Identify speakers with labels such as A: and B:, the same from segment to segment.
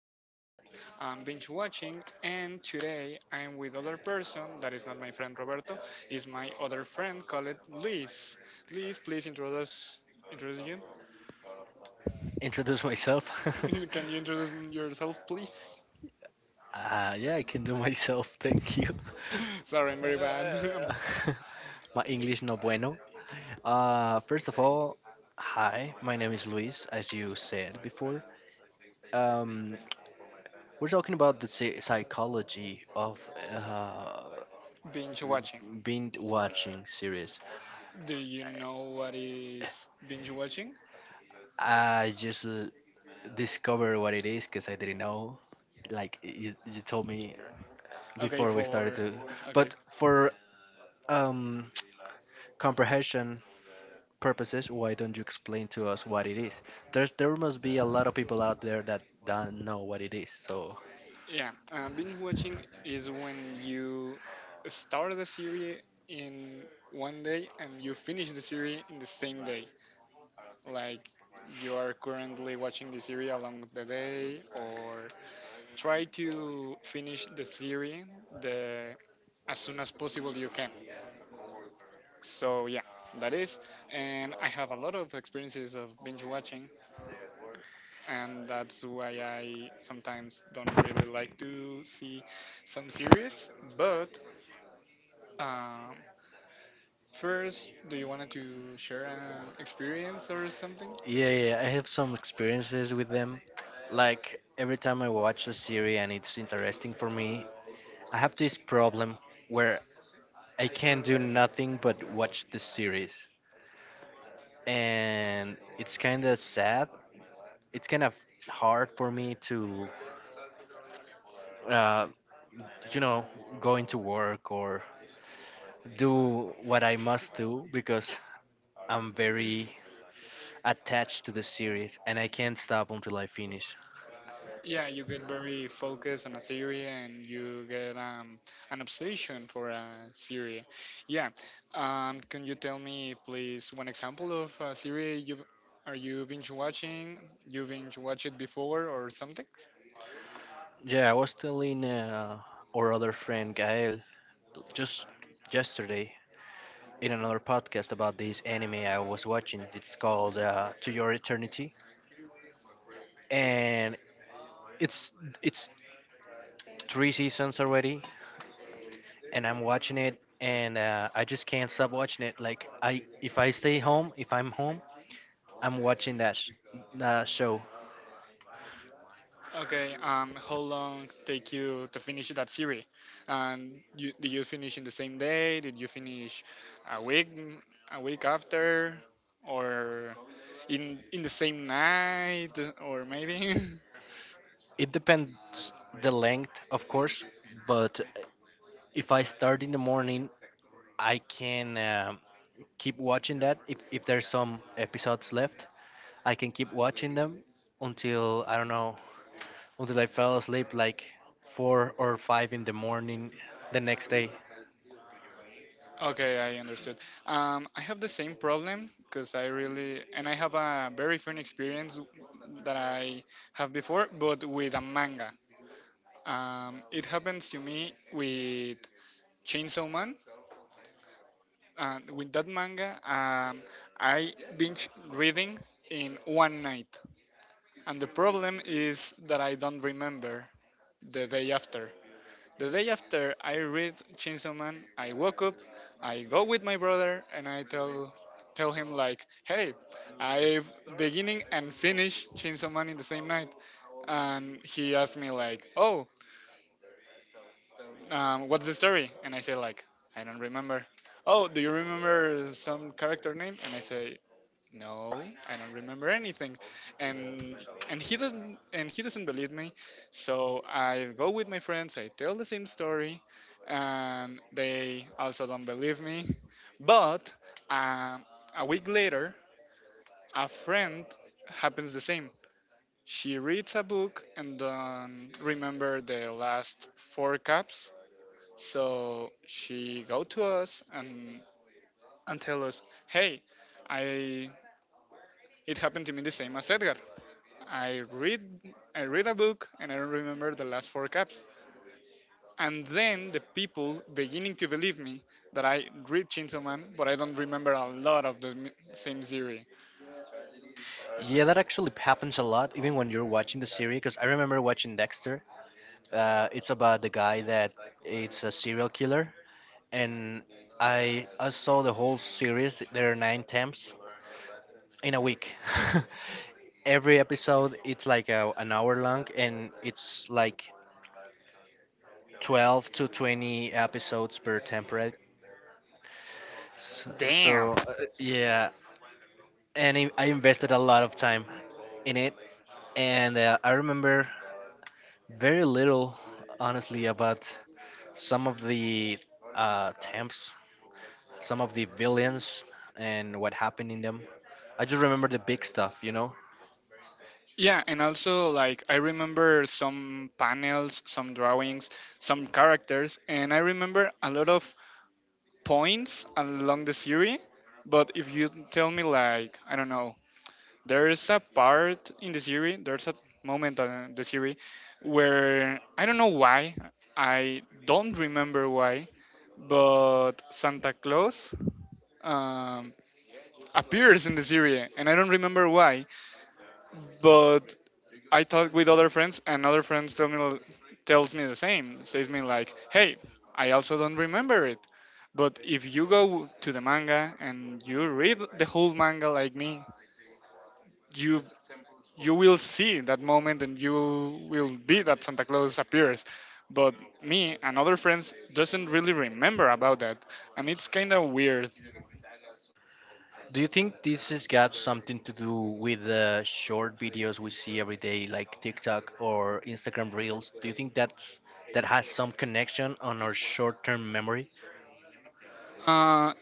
A: talk about binge watching, and today I'm with other person that is not my friend Roberto, is my other friend called Luis. Luis, please introduce you.
B: Introduce myself.
A: Can you introduce yourself, please?
B: Yeah, I can do myself. Thank you.
A: Sorry, I'm very bad.
B: Uh, my English no bueno. First of all, hi. My name is Luis, as you said before. Um, we're talking about the psychology of uh,
A: Binge watching.
B: binge watching series.
A: Do you know what is binge watching?
B: I just discovered what it is because I didn't know. Like you told me
A: Okay,
B: before we started
A: for
B: to,
A: okay.
B: but for um comprehension purposes, why don't you explain to us what it is? There must be a lot of people out there that don't know what it is. So
A: Yeah, binge watching is when you start the series in one day and you finish the series in the same day. Like you are currently watching the series along the day, or try to finish the series the as soon as possible you can. So yeah, that is, and I have a lot of experiences of binge watching, and that's why I sometimes don't really like to see some series, but Um, first, do you want to share an experience or something?
B: yeah, yeah, I have some experiences with them. Like every time I watch a series and it's interesting for me, I have this problem where I can't do nothing but watch the series. And it's kind of sad. It's kind of hard for me to, uh, you know, go into work or do what I must do because I'm very attached to the series and I can't stop until I finish.
A: Yeah, you get very focused on a theory and you get an obsession for a theory. Yeah, can you tell me, please, one example of a theory you are you binge watching? You binge watch it before or something?
B: Yeah, I was telling our other friend Gael just yesterday in another podcast about this anime I was watching. It's called To Your Eternity and it's it's 3 seasons already and I'm watching it and I just can't stop watching it. Like I if I stay home, if I'm home, I'm watching that show.
A: Okay, how long take you to finish that series? And you, did you finish in the same day? Did you finish a week, a week after, or in the same night, or maybe?
B: It depends the length, of course, but if I start in the morning, I can keep watching that. If there's some episodes left, I can keep watching them until I don't know, until I fell asleep like 4 or 5 in the morning the next day.
A: Okay, I understood. I have the same problem because I really and I have a very fun experience that I have before, but with a manga. It happens to me with Chainsaw Man, and with that manga, I binge reading in one night. And the problem is that I don't remember the day after. The day after I read Chainsaw Man, I woke up, I go with my brother, and I tell him like, "Hey, I beginning and finish Chainsaw Man in the same night." And he asked me like, "Oh, what's the story?" And I say like, "I don't remember." Oh, do you remember some character name? And I say, no, I don't remember anything. And he doesn't, and he doesn't believe me, so I go with my friends, I tell the same story, and they also don't believe me. But um, a week later, a friend happens the same. She reads a book and remember the last four cups, so she go to us and tell us, hey, I it happened to me the same as Edgar. I read I read a book and I don't remember the last four caps. And then the people beginning to believe me that I read Chainsaw Man, but I don't remember a lot of the same series.
B: Yeah, that actually happens a lot, even when you're watching the series. Because I remember watching Dexter. It's about the guy that it's a serial killer, and I saw the whole series. There are nine temps in a week. Every episode it's like a, an hour long, and it's like 12 to 20 episodes per temporary. So,
A: Damn.
B: so uh, yeah, and I invested a lot of time in it, and I remember very little, honestly, about some of the temps, some of the villains and what happened in them. I just remember the big stuff, you know.
A: Yeah, and also like I remember some panels, some drawings, some characters, and I remember a lot of points along the series. But if you tell me like I don't know, there's a moment in the series where I don't know why, I don't remember why, but Santa Claus um, appears in the series, and I don't remember why, but I talk with other friends, and other friends tell me the same, says me like, hey, I also don't remember it. But if you go to the manga and you read the whole manga like me, you you will see that moment and you will be that Santa Claus appears. But me and other friends doesn't really remember about that, and it's kind of weird.
B: Do you think this has got something to do with the short videos we see every day, like TikTok or Instagram Reels? Do you think that's that has some connection on our short-term memory?
A: Uh,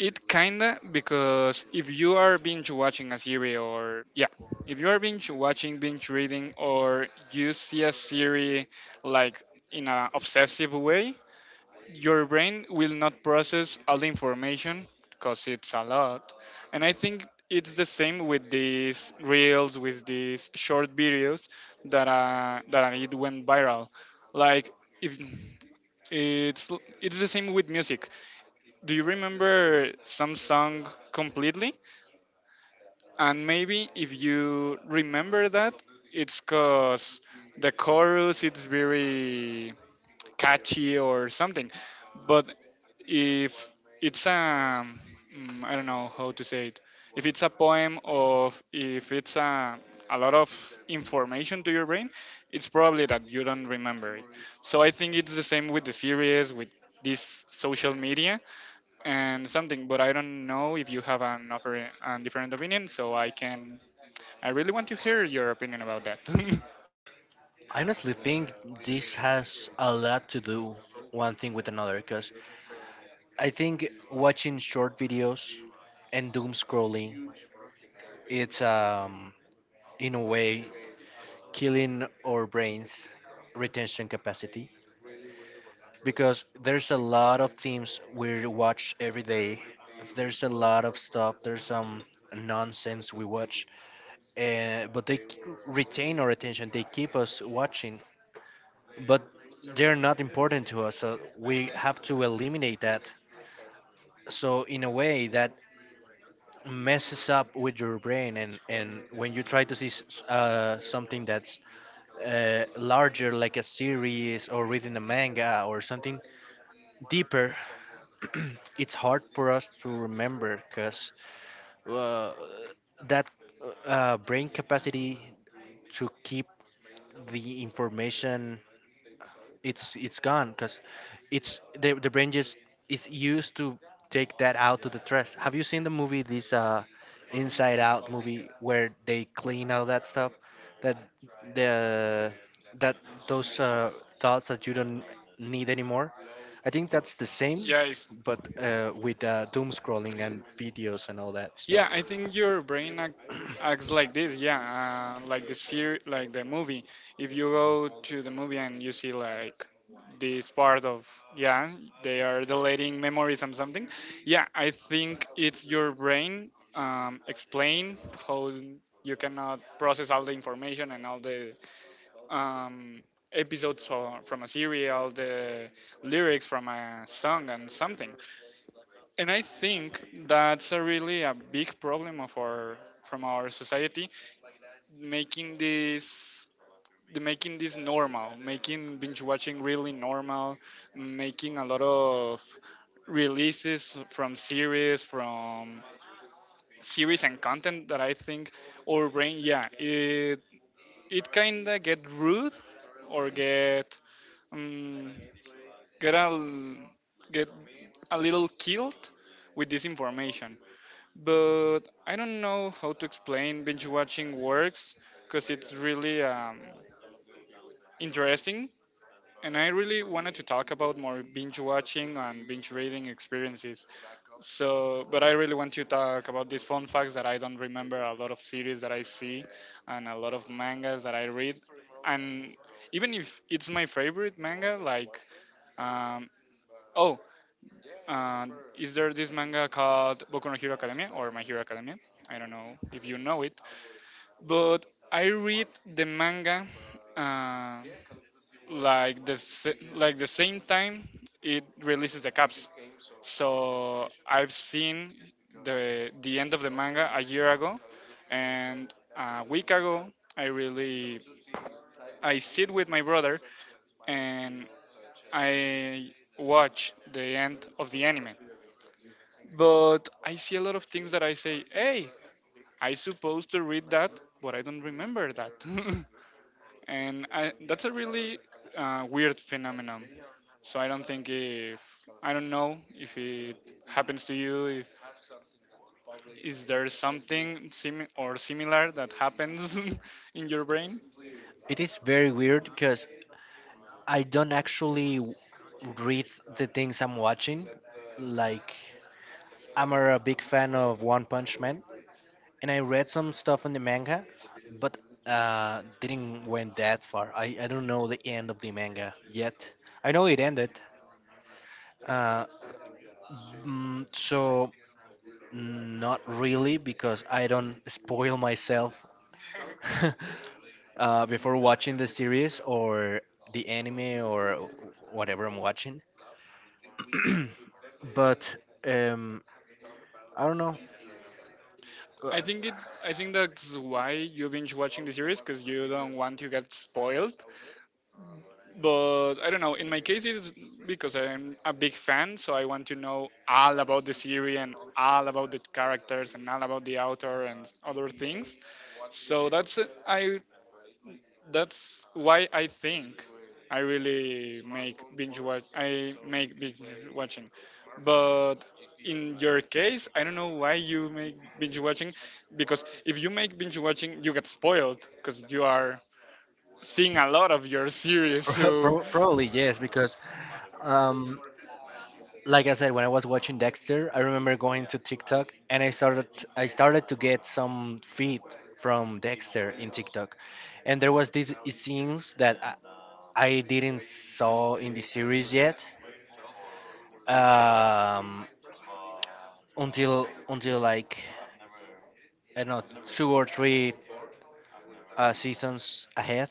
A: it kinda because if you are binge watching a series or yeah, if you are binge watching, binge reading, or you see a series like in an obsessive way, your brain will not process all the information because it's a lot. And I think it's the same with these reels, with these short videos that that it went viral. Like if it's it's the same with music. Do you remember some song completely? And maybe if you remember that, it's cause the chorus it's very catchy or something. But if it's I don't know how to say it. If it's a poem of if it's a lot of information to your brain, it's probably that you don't remember it. So I think it's the same with the series with this social media and something. But I don't know if you have an offer a different opinion. So I really want to hear your opinion about that.
B: I honestly think this has a lot to do one thing with another, because I think watching short videos and doom scrolling, it's in a way killing our brains retention capacity because there's a lot of things we watch every day, there's a lot of stuff, there's some nonsense we watch, uh, but they k- retain our attention, they keep us watching, but they're not important to us so we have to eliminate that, so in a way that messes up with your brain and when you try to see something that's larger, like a series or reading a manga or something deeper, it's hard for us to remember because uh, that brain capacity to keep the information it's gone because it's the brain just is used to take that out to the trash. Have you seen the movie, this Inside Out movie, where they clean all that stuff that the that those thoughts that you don't need anymore? I think that's the same,
A: Yeah, it's
B: but with doom scrolling and videos and all that stuff.
A: yeah, I think your brain acts like this. Yeah, like the like the movie. If you go to the movie and you see like this part of yeah, they are deleting memories and something. Yeah, I think it's your brain explain how you cannot process all the information and all the um, episodes from a series, all the lyrics from a song and something, and I think that's a really a big problem of our from our society, making this the making this normal, making binge watching really normal, making a lot of releases from series and content that I think our brain yeah it kinda get rude or get um, get a l- get a little killed with this information, but I don't know how to explain binge watching works because it's really interesting. And I really wanted to talk about more binge watching and binge reading experiences. So, but I really want to talk about these fun facts that I don't remember a lot of series that I see and a lot of mangas that I read. And even if it's my favorite manga, like, um, oh, uh, is there this manga called Boku no Hero Academia or My Hero Academia? I don't know if you know it, but I read the manga uh, like the like the same time it releases the caps. So I've seen the end of the manga a year ago, and a week ago I really I sit with my brother and I watch the end of the anime. But I see a lot of things that I say, hey, I supposed to read that, but I don't remember that. And I, that's a really weird phenomenon. So I don't think if I don't know if it happens to you. If is there something sim or similar that happens in your brain?
B: It is very weird because I don't actually read the things I'm watching, like. I'm a big fan of One Punch Man, and I read some stuff in the manga, but didn't went that far. I don't know the end of the manga yet. I know it ended, uh, so not really because I don't spoil myself before watching the series or the anime or whatever I'm watching. But I don't know.
A: I think it. I think that's why you binge watching the series because you don't want to get spoiled. But I don't know. In my case, it's because I'm a big fan, so I want to know all about the series and all about the characters and all about the author and other things. So that's I that's why I think I really make binge watch. I make binge watching, but in your case, I don't know why you make binge watching, because if you make binge watching, you get spoiled because you are seeing a lot of your series. So
B: Probably yes, because um, like I said, when I was watching Dexter, I remember going to TikTok and I started to get some feed from Dexter in TikTok, and there was these scenes that I didn't saw in the series yet, um, until like I don't know two or three seasons ahead,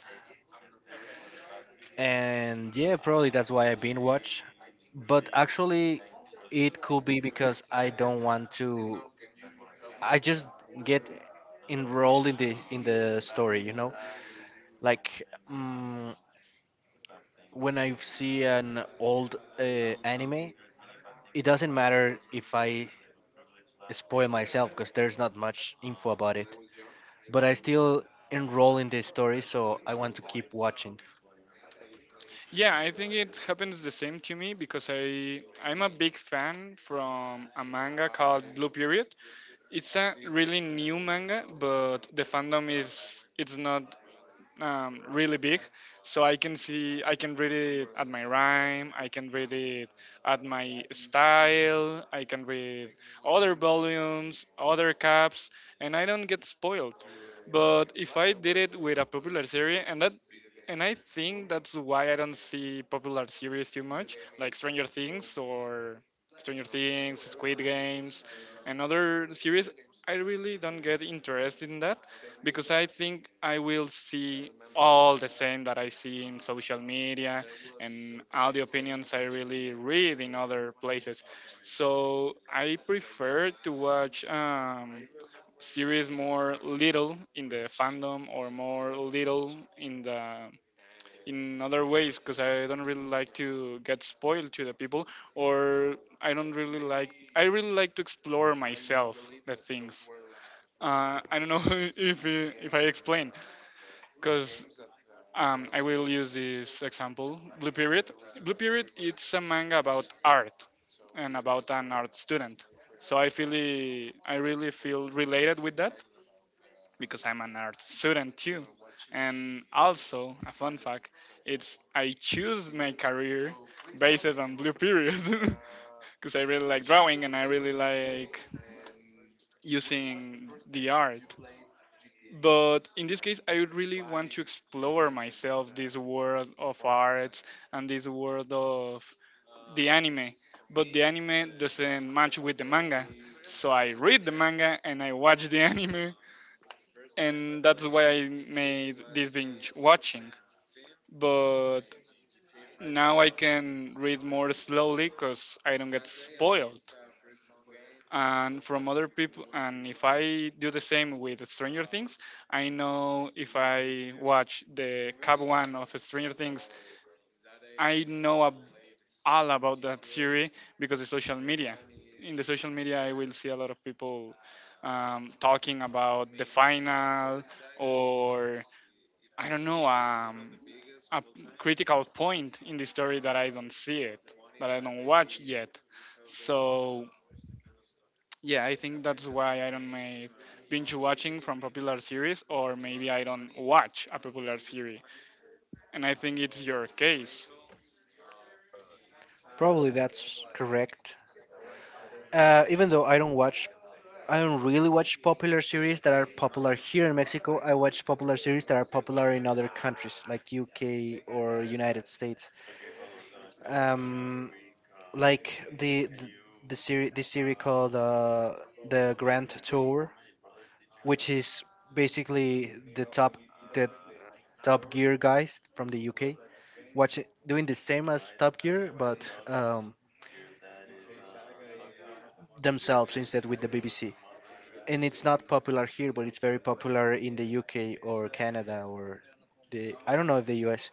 B: and yeah, probably that's why I binge watch, but actually, it could be because I don't want to, I just get enrolled in the story, you know. Like mm when I see an old anime, it doesn't matter if I spoil myself because there's not much info about it. But I still enroll in the story, so I want to keep watching.
A: yeah, I think it happens the same to me because I'm a big fan from a manga called Blue Period. It's a really new manga, but the fandom is it's not really big, so I can read it at my rhyme, I can read it at my style, I can read other volumes, other caps, and I don't get spoiled. But if I did it with a popular series, and that and I think that's why I don't see popular series too much, like Stranger Things, Squid Games, and other series. I really don't get interested in that because I think I will see all the same that I see in social media and all the opinions I really read in other places. So I prefer to watch series more little in the fandom or more little in the in other ways because I don't really like to get spoiled to the people, or I don't really like. I really like to explore myself the things. I don't know if I explain because I will use this example. Blue Period. It's a manga about art and about an art student. So I feel I really feel related with that because I'm an art student too. And also, a fun fact, it's I choose my career based on Blue Period because I really like drawing and I really like using the art. But in this case, I would really want to explore myself this world of arts and this world of the anime. But the anime doesn't match with the manga. So I read the manga and I watch the anime and that's why I made this binge watching. But now I can read more slowly because I don't get spoiled, and from other people. And if I do the same with Stranger Things, I know if I watch the Cap One of Stranger Things, I know ab- all about that series because of social media. In the social media, I will see a lot of people talking about the final, or I don't know. A critical point in the story that I don't see it, that I don't watch yet. So yeah, I think that's why I don't make binge watching from popular series, or maybe I don't watch a popular series, and I think it's your case.
B: Probably that's correct. Even though I don't watch, I don't really watch popular series that are popular here in Mexico. I watch popular series that are popular in other countries like UK or United States. um like the the, the series called The Grand Tour, which is basically the top gear guys from the UK, watching, doing the same as Top Gear but um themselves instead with the BBC, and it's not popular here but it's very popular in the UK or Canada or the, I don't know if the US.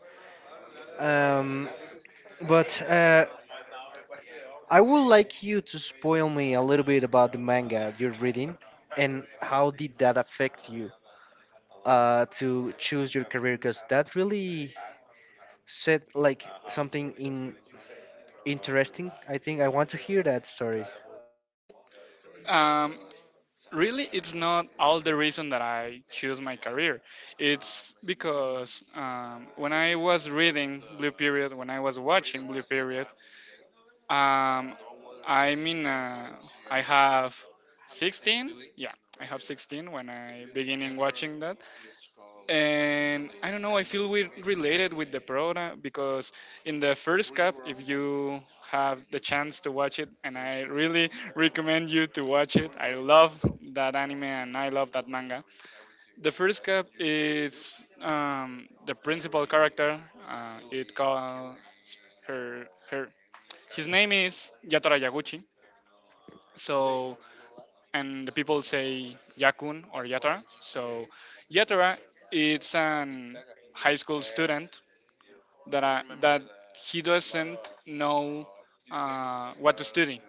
B: Um but I would like you to spoil me a little bit about the manga you're reading and how did that affect you to choose your career, because that really said like something in interesting. I think I want to hear that story.
A: Um, Really, it's not all the reason that I choose my career. It's because when I was reading Blue Period, when I was watching Blue Period, Um, I mean, uh, I have 16. Yeah, I have 16 when I beginning watching that, and I don't know. I feel we related with the product because in the first cup, if you have the chance to watch it, and I really recommend you to watch it. I love that anime and I love that manga. The first cup is, the principal character. It called her his name is Yatara Yaguchi, so, and the people say Yakun or Yatara. So, Yatara, it's an high school student that that he doesn't know what to study.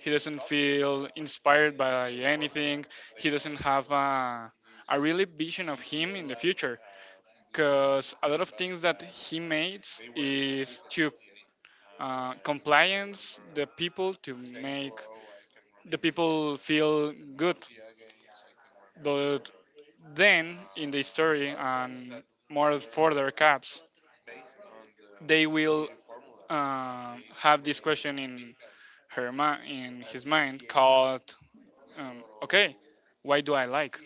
A: He doesn't feel inspired by anything. He doesn't have a really vision of him in the future because a lot of things that he makes is to compliance the people, to make the people feel good, but then, in the story and more further caps, they will have this question in in his mind called, okay, why do I like?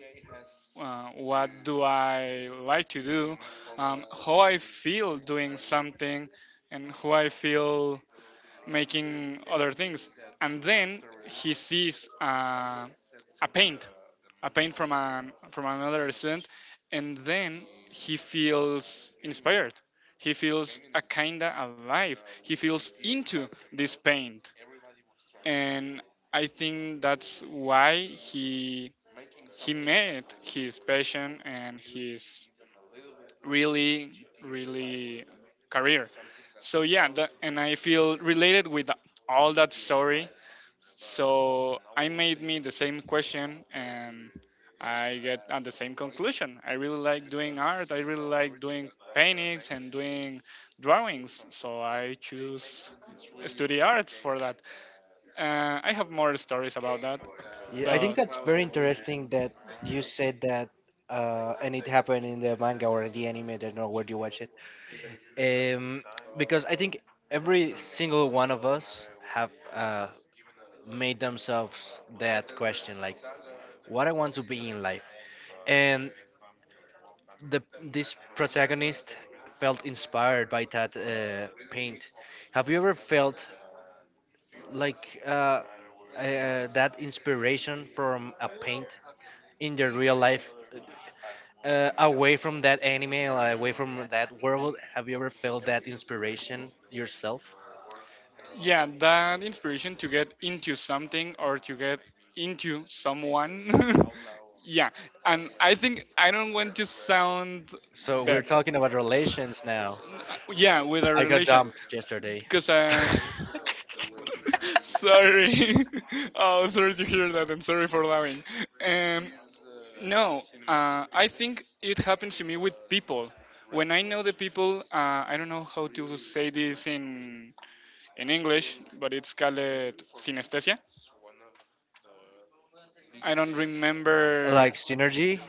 A: What do I like to do? How I feel doing something, and how I feel making other things. And then he sees a paint a paint from an from another student, and then he feels inspired. He feels a kinda alive. He feels into this paint, and I think that's why he he made his passion and his really really career. So yeah, that, and I feel related with all that story, so I made me the same question and I get at the same conclusion. I really like doing art, I really like doing paintings and doing drawings. So I choose study arts for that. I have more stories about that,
B: Yeah, I think
A: but
B: that's very interesting that you said that, and it happened in the manga or the anime. I don't know where you watch it, um, because I think every single one of us have made themselves that question, like, what I want to be in life. And the this protagonist felt inspired by that paint. Have you ever felt like that inspiration from a paint in your real life? Away from that anime, like, away from that world, have you ever felt that inspiration yourself?
A: yeah, that inspiration to get into something or to get into someone. Yeah, and I think I don't want to sound
B: So we're
A: bad.
B: talking about relations now.
A: Yeah, with a
B: I got
A: relation
B: dumped yesterday.
A: because uh. Sorry. Oh, sorry to hear that, and sorry for laughing. Um no uh I think it happens to me with people when I know the people. I don't know how to say this in English, but it's called synesthesia. I don't remember.
B: Like synergy.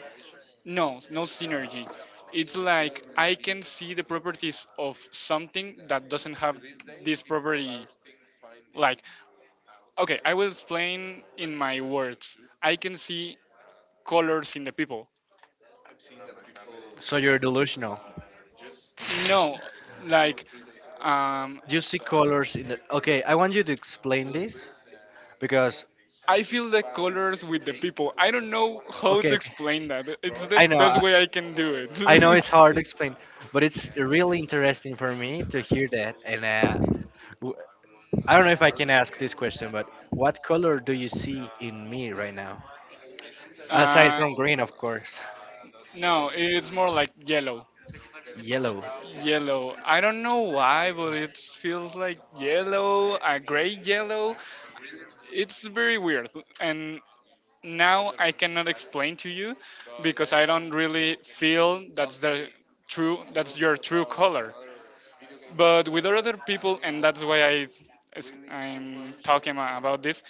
A: No, no synergy. It's like I can see the properties of something that doesn't have this property. Like, okay, I will explain in my words. I can see colors in the people.
B: So you're delusional.
A: No, like, um,
B: You see colors in the, okay, I want you to explain this because,
A: I feel the colors with the people. I don't know how to
B: okay, okay,
A: explain that. It's the
B: I know
A: best way I can do it.
B: I know it's hard to explain, but it's really interesting for me to hear that and w- I don't know if I can ask this question, but what color do you see in me right now, aside
A: Uh,
B: from green of course?
A: no, it's more like yellow.
B: Yellow.
A: Yellow. I don't know why, but it feels like yellow, a gray yellow. It's very weird. And now I cannot explain to you because I don't really feel that's the true that's your true color. But with other people, and that's why I, as I'm talking about this.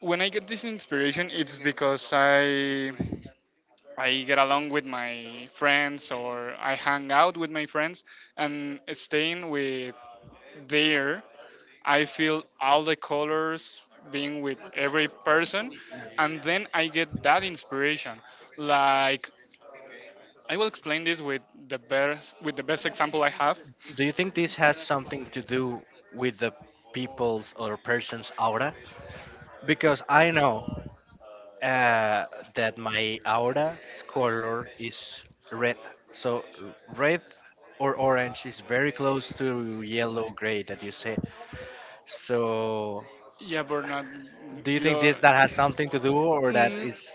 A: When I get this inspiration, it's because I get along with my friends, or I hang out with my friends and staying with there, I feel all the colors being with every person and then I get that inspiration. Like, I will explain this with the best example I have.
B: Do you think this has something to do with the people's or person's aura? Because I know, uh, that my aura's color is red. So red or orange is very close to yellow gray that you said. So
A: Yeah, Bernard,
B: do you think
A: you.
B: that that has something to do, or that
A: Mm.
B: is,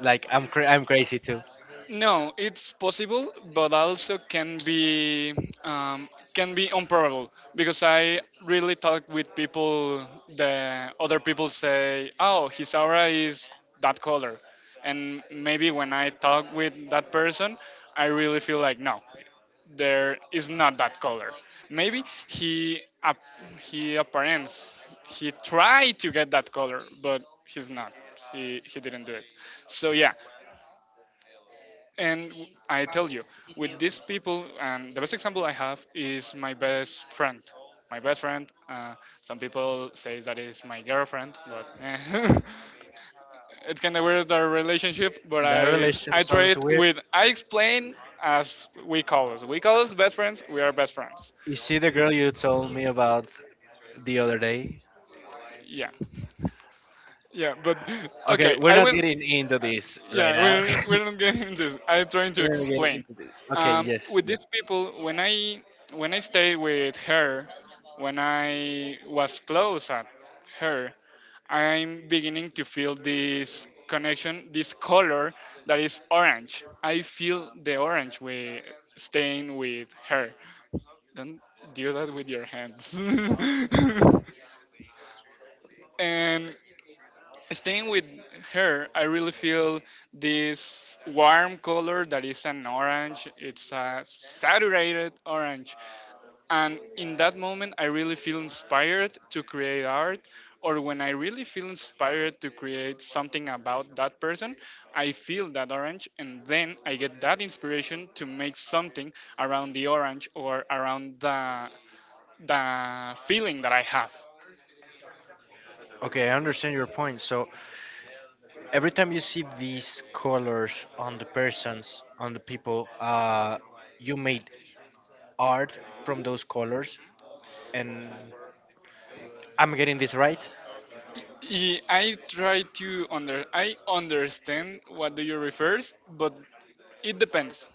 B: like, I'm crazy too?
A: No, it's possible, but also can be, um, can be unprobable because I really talk with people. The other people say, "Oh, his aura is that color," and maybe when I talk with that person, I really feel like, no, there is not that color. Maybe he ap- he apparents, he tried to get that color, but he's not. He didn't do it. So yeah, and I tell you, with these people, and the best example I have is my best friend. My best friend. Some people say that is my girlfriend, but eh. It's kind of weird our relationship. But
B: That
A: I
B: relation
A: I try
B: sounds
A: it
B: weird.
A: with I explain as we call us. We call us best friends. We are best friends.
B: Is she the girl you told me about the other day?
A: Yeah. Yeah, but
B: Okay,
A: okay,
B: we're
A: I
B: not
A: will.
B: getting into this right
A: Yeah,
B: now.
A: we're not getting into this. I'm trying to
B: We're not getting
A: explain.
B: into this. Okay, yes.
A: With
B: Yes.
A: these people, when I stayed with her, when I was close at her, I'm beginning to feel this connection, this color that is orange. I feel the orange with staying with her. Don't do that with your hands. And staying with her, I really feel this warm color that is an orange. It's a saturated orange. And in that moment, I really feel inspired to create art. Or when I really feel inspired to create something about that person, I feel that orange and then I get that inspiration to make something around the orange, or around the feeling that I have.
B: Okay, I understand your point. So every time you see these colors on the persons, on the people, you made art from those colors. And I'm getting this right.
A: Yeah, I try to under I understand what do you refers, but it depends.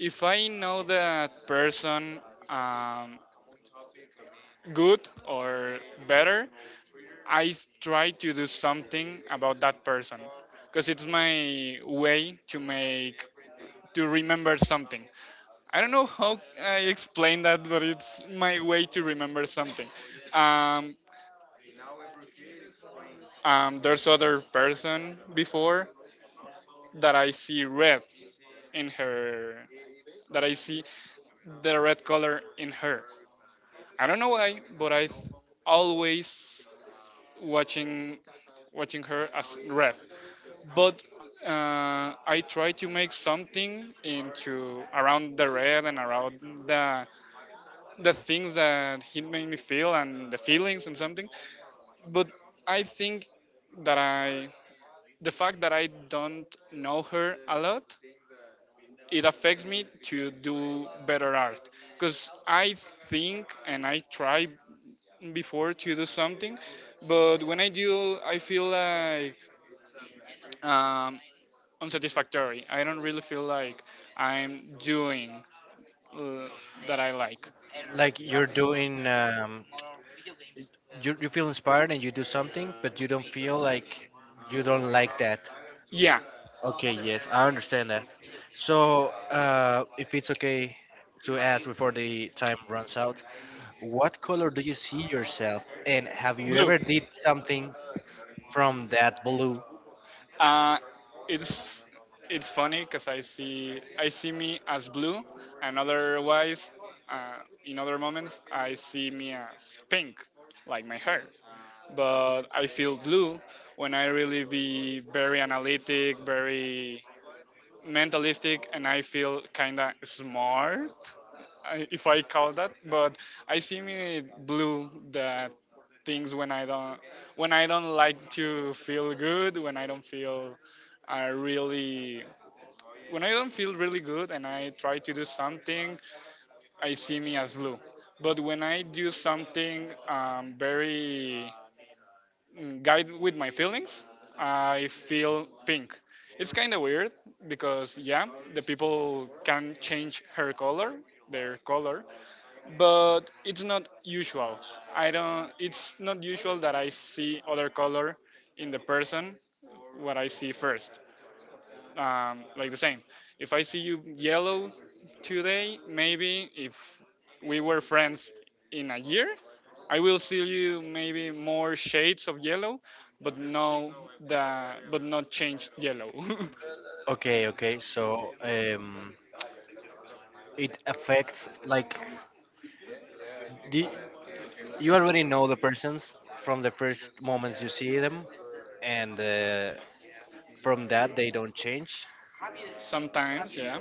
A: If I know that person, um, good or better, try to do something about that person because it's my way to make, to remember something. I don't know how I explain that, but it's my way to remember something. Um, there's other person before that I see red in her, that I see the red color in her. I don't know why, but always watching watching her as red. But I try to make something into around the red and around the things that he made me feel, and the feelings and something. But I think that I the fact that I don't know her a lot, it affects me to do better art. Because I think and I try before to do something, but when I do I feel like, um, unsatisfactory, I don't really feel like I'm doing, uh, that I like.
B: Like you're doing, you, you feel inspired and you do something, but you don't feel like, you don't like that.
A: Yeah.
B: Okay, yes, I understand that. So, if it's okay to ask before the time runs out, what color do you see yourself? And have you
A: Blue.
B: ever did something from that blue.
A: Uh, it's it's funny because I see me as blue, and otherwise, in other moments, I see me as pink, like my hair. But I feel blue when I really be very analytic, very mentalistic, and I feel kinda smart, if I call that. But I see me blue that things when I don't, like to feel good, when I don't feel I really, when I don't feel really good and I try to do something, I see me as blue. But when I do something, very, guide with my feelings, I feel pink. It's kind of weird because, yeah, the people can change her color, their color, but it's not usual. I don't, it's not usual that I see other color in the person what I see first. Like the same. If I see you yellow today, maybe if we were friends in a year, I will see you maybe more shades of yellow, but no, the but not changed yellow.
B: Okay, okay. So it affects like the, you already know the persons from the first moments you see them, and from that they don't change.
A: Sometimes, yeah.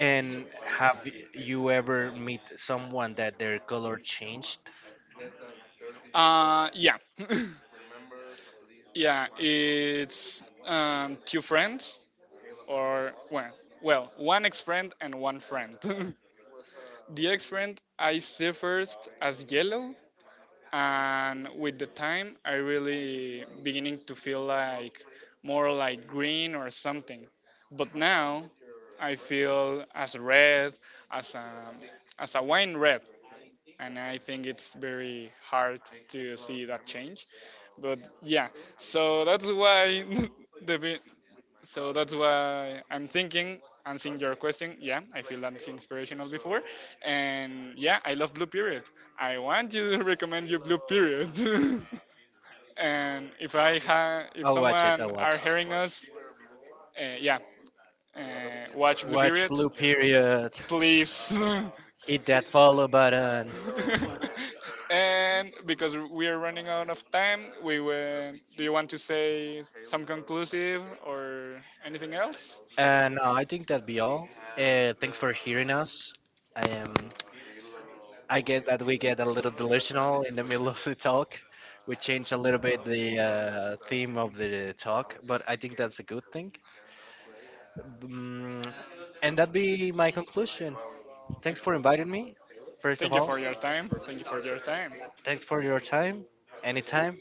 B: And have you ever meet someone that their color changed?
A: Yeah, yeah. It's, two friends or well, well, one ex friend and one friend. The ex friend I see first as yellow, and with the time I really beginning to feel like more like green or something, but now I feel as red, as a as a wine red, and I think it's very hard to see that change, but yeah. so that's why the vi- so that's why I'm thinking, answering your question, yeah, I feel that's inspirational before. And yeah, I love Blue Period. I want you to recommend you Blue Period. And if I ha- if
B: I'll watch it. I'll
A: someone
B: watch
A: are hearing us, yeah, watch
B: it.
A: Blue
B: Watch
A: Period,
B: Blue Period.
A: please.
B: Hit that follow button.
A: And because we are running out of time, we will, do you want to say some conclusive or anything else?
B: And no, I think that'd be all. Thanks for hearing us. Um, I get that we get a little delusional in the middle of the talk. We change a little bit the theme of the talk, but I think that's a good thing. Mm, and that'd be my conclusion. Thanks for inviting me, first of
A: Thank you
B: all.
A: for your time. Thank you for your time.
B: Thanks for your time. Anytime.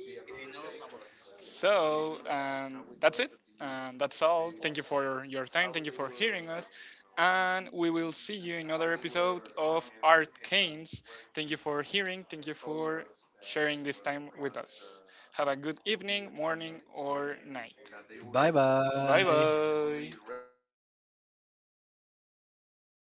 A: So that's it. That's all. Thank you for your time. Thank you for hearing us. And we will see you in another episode of Art Canes. Thank you for hearing. Thank you for sharing this time with us. Have a good evening, morning, or night.
B: Bye
A: Bye
B: bye.
A: bye.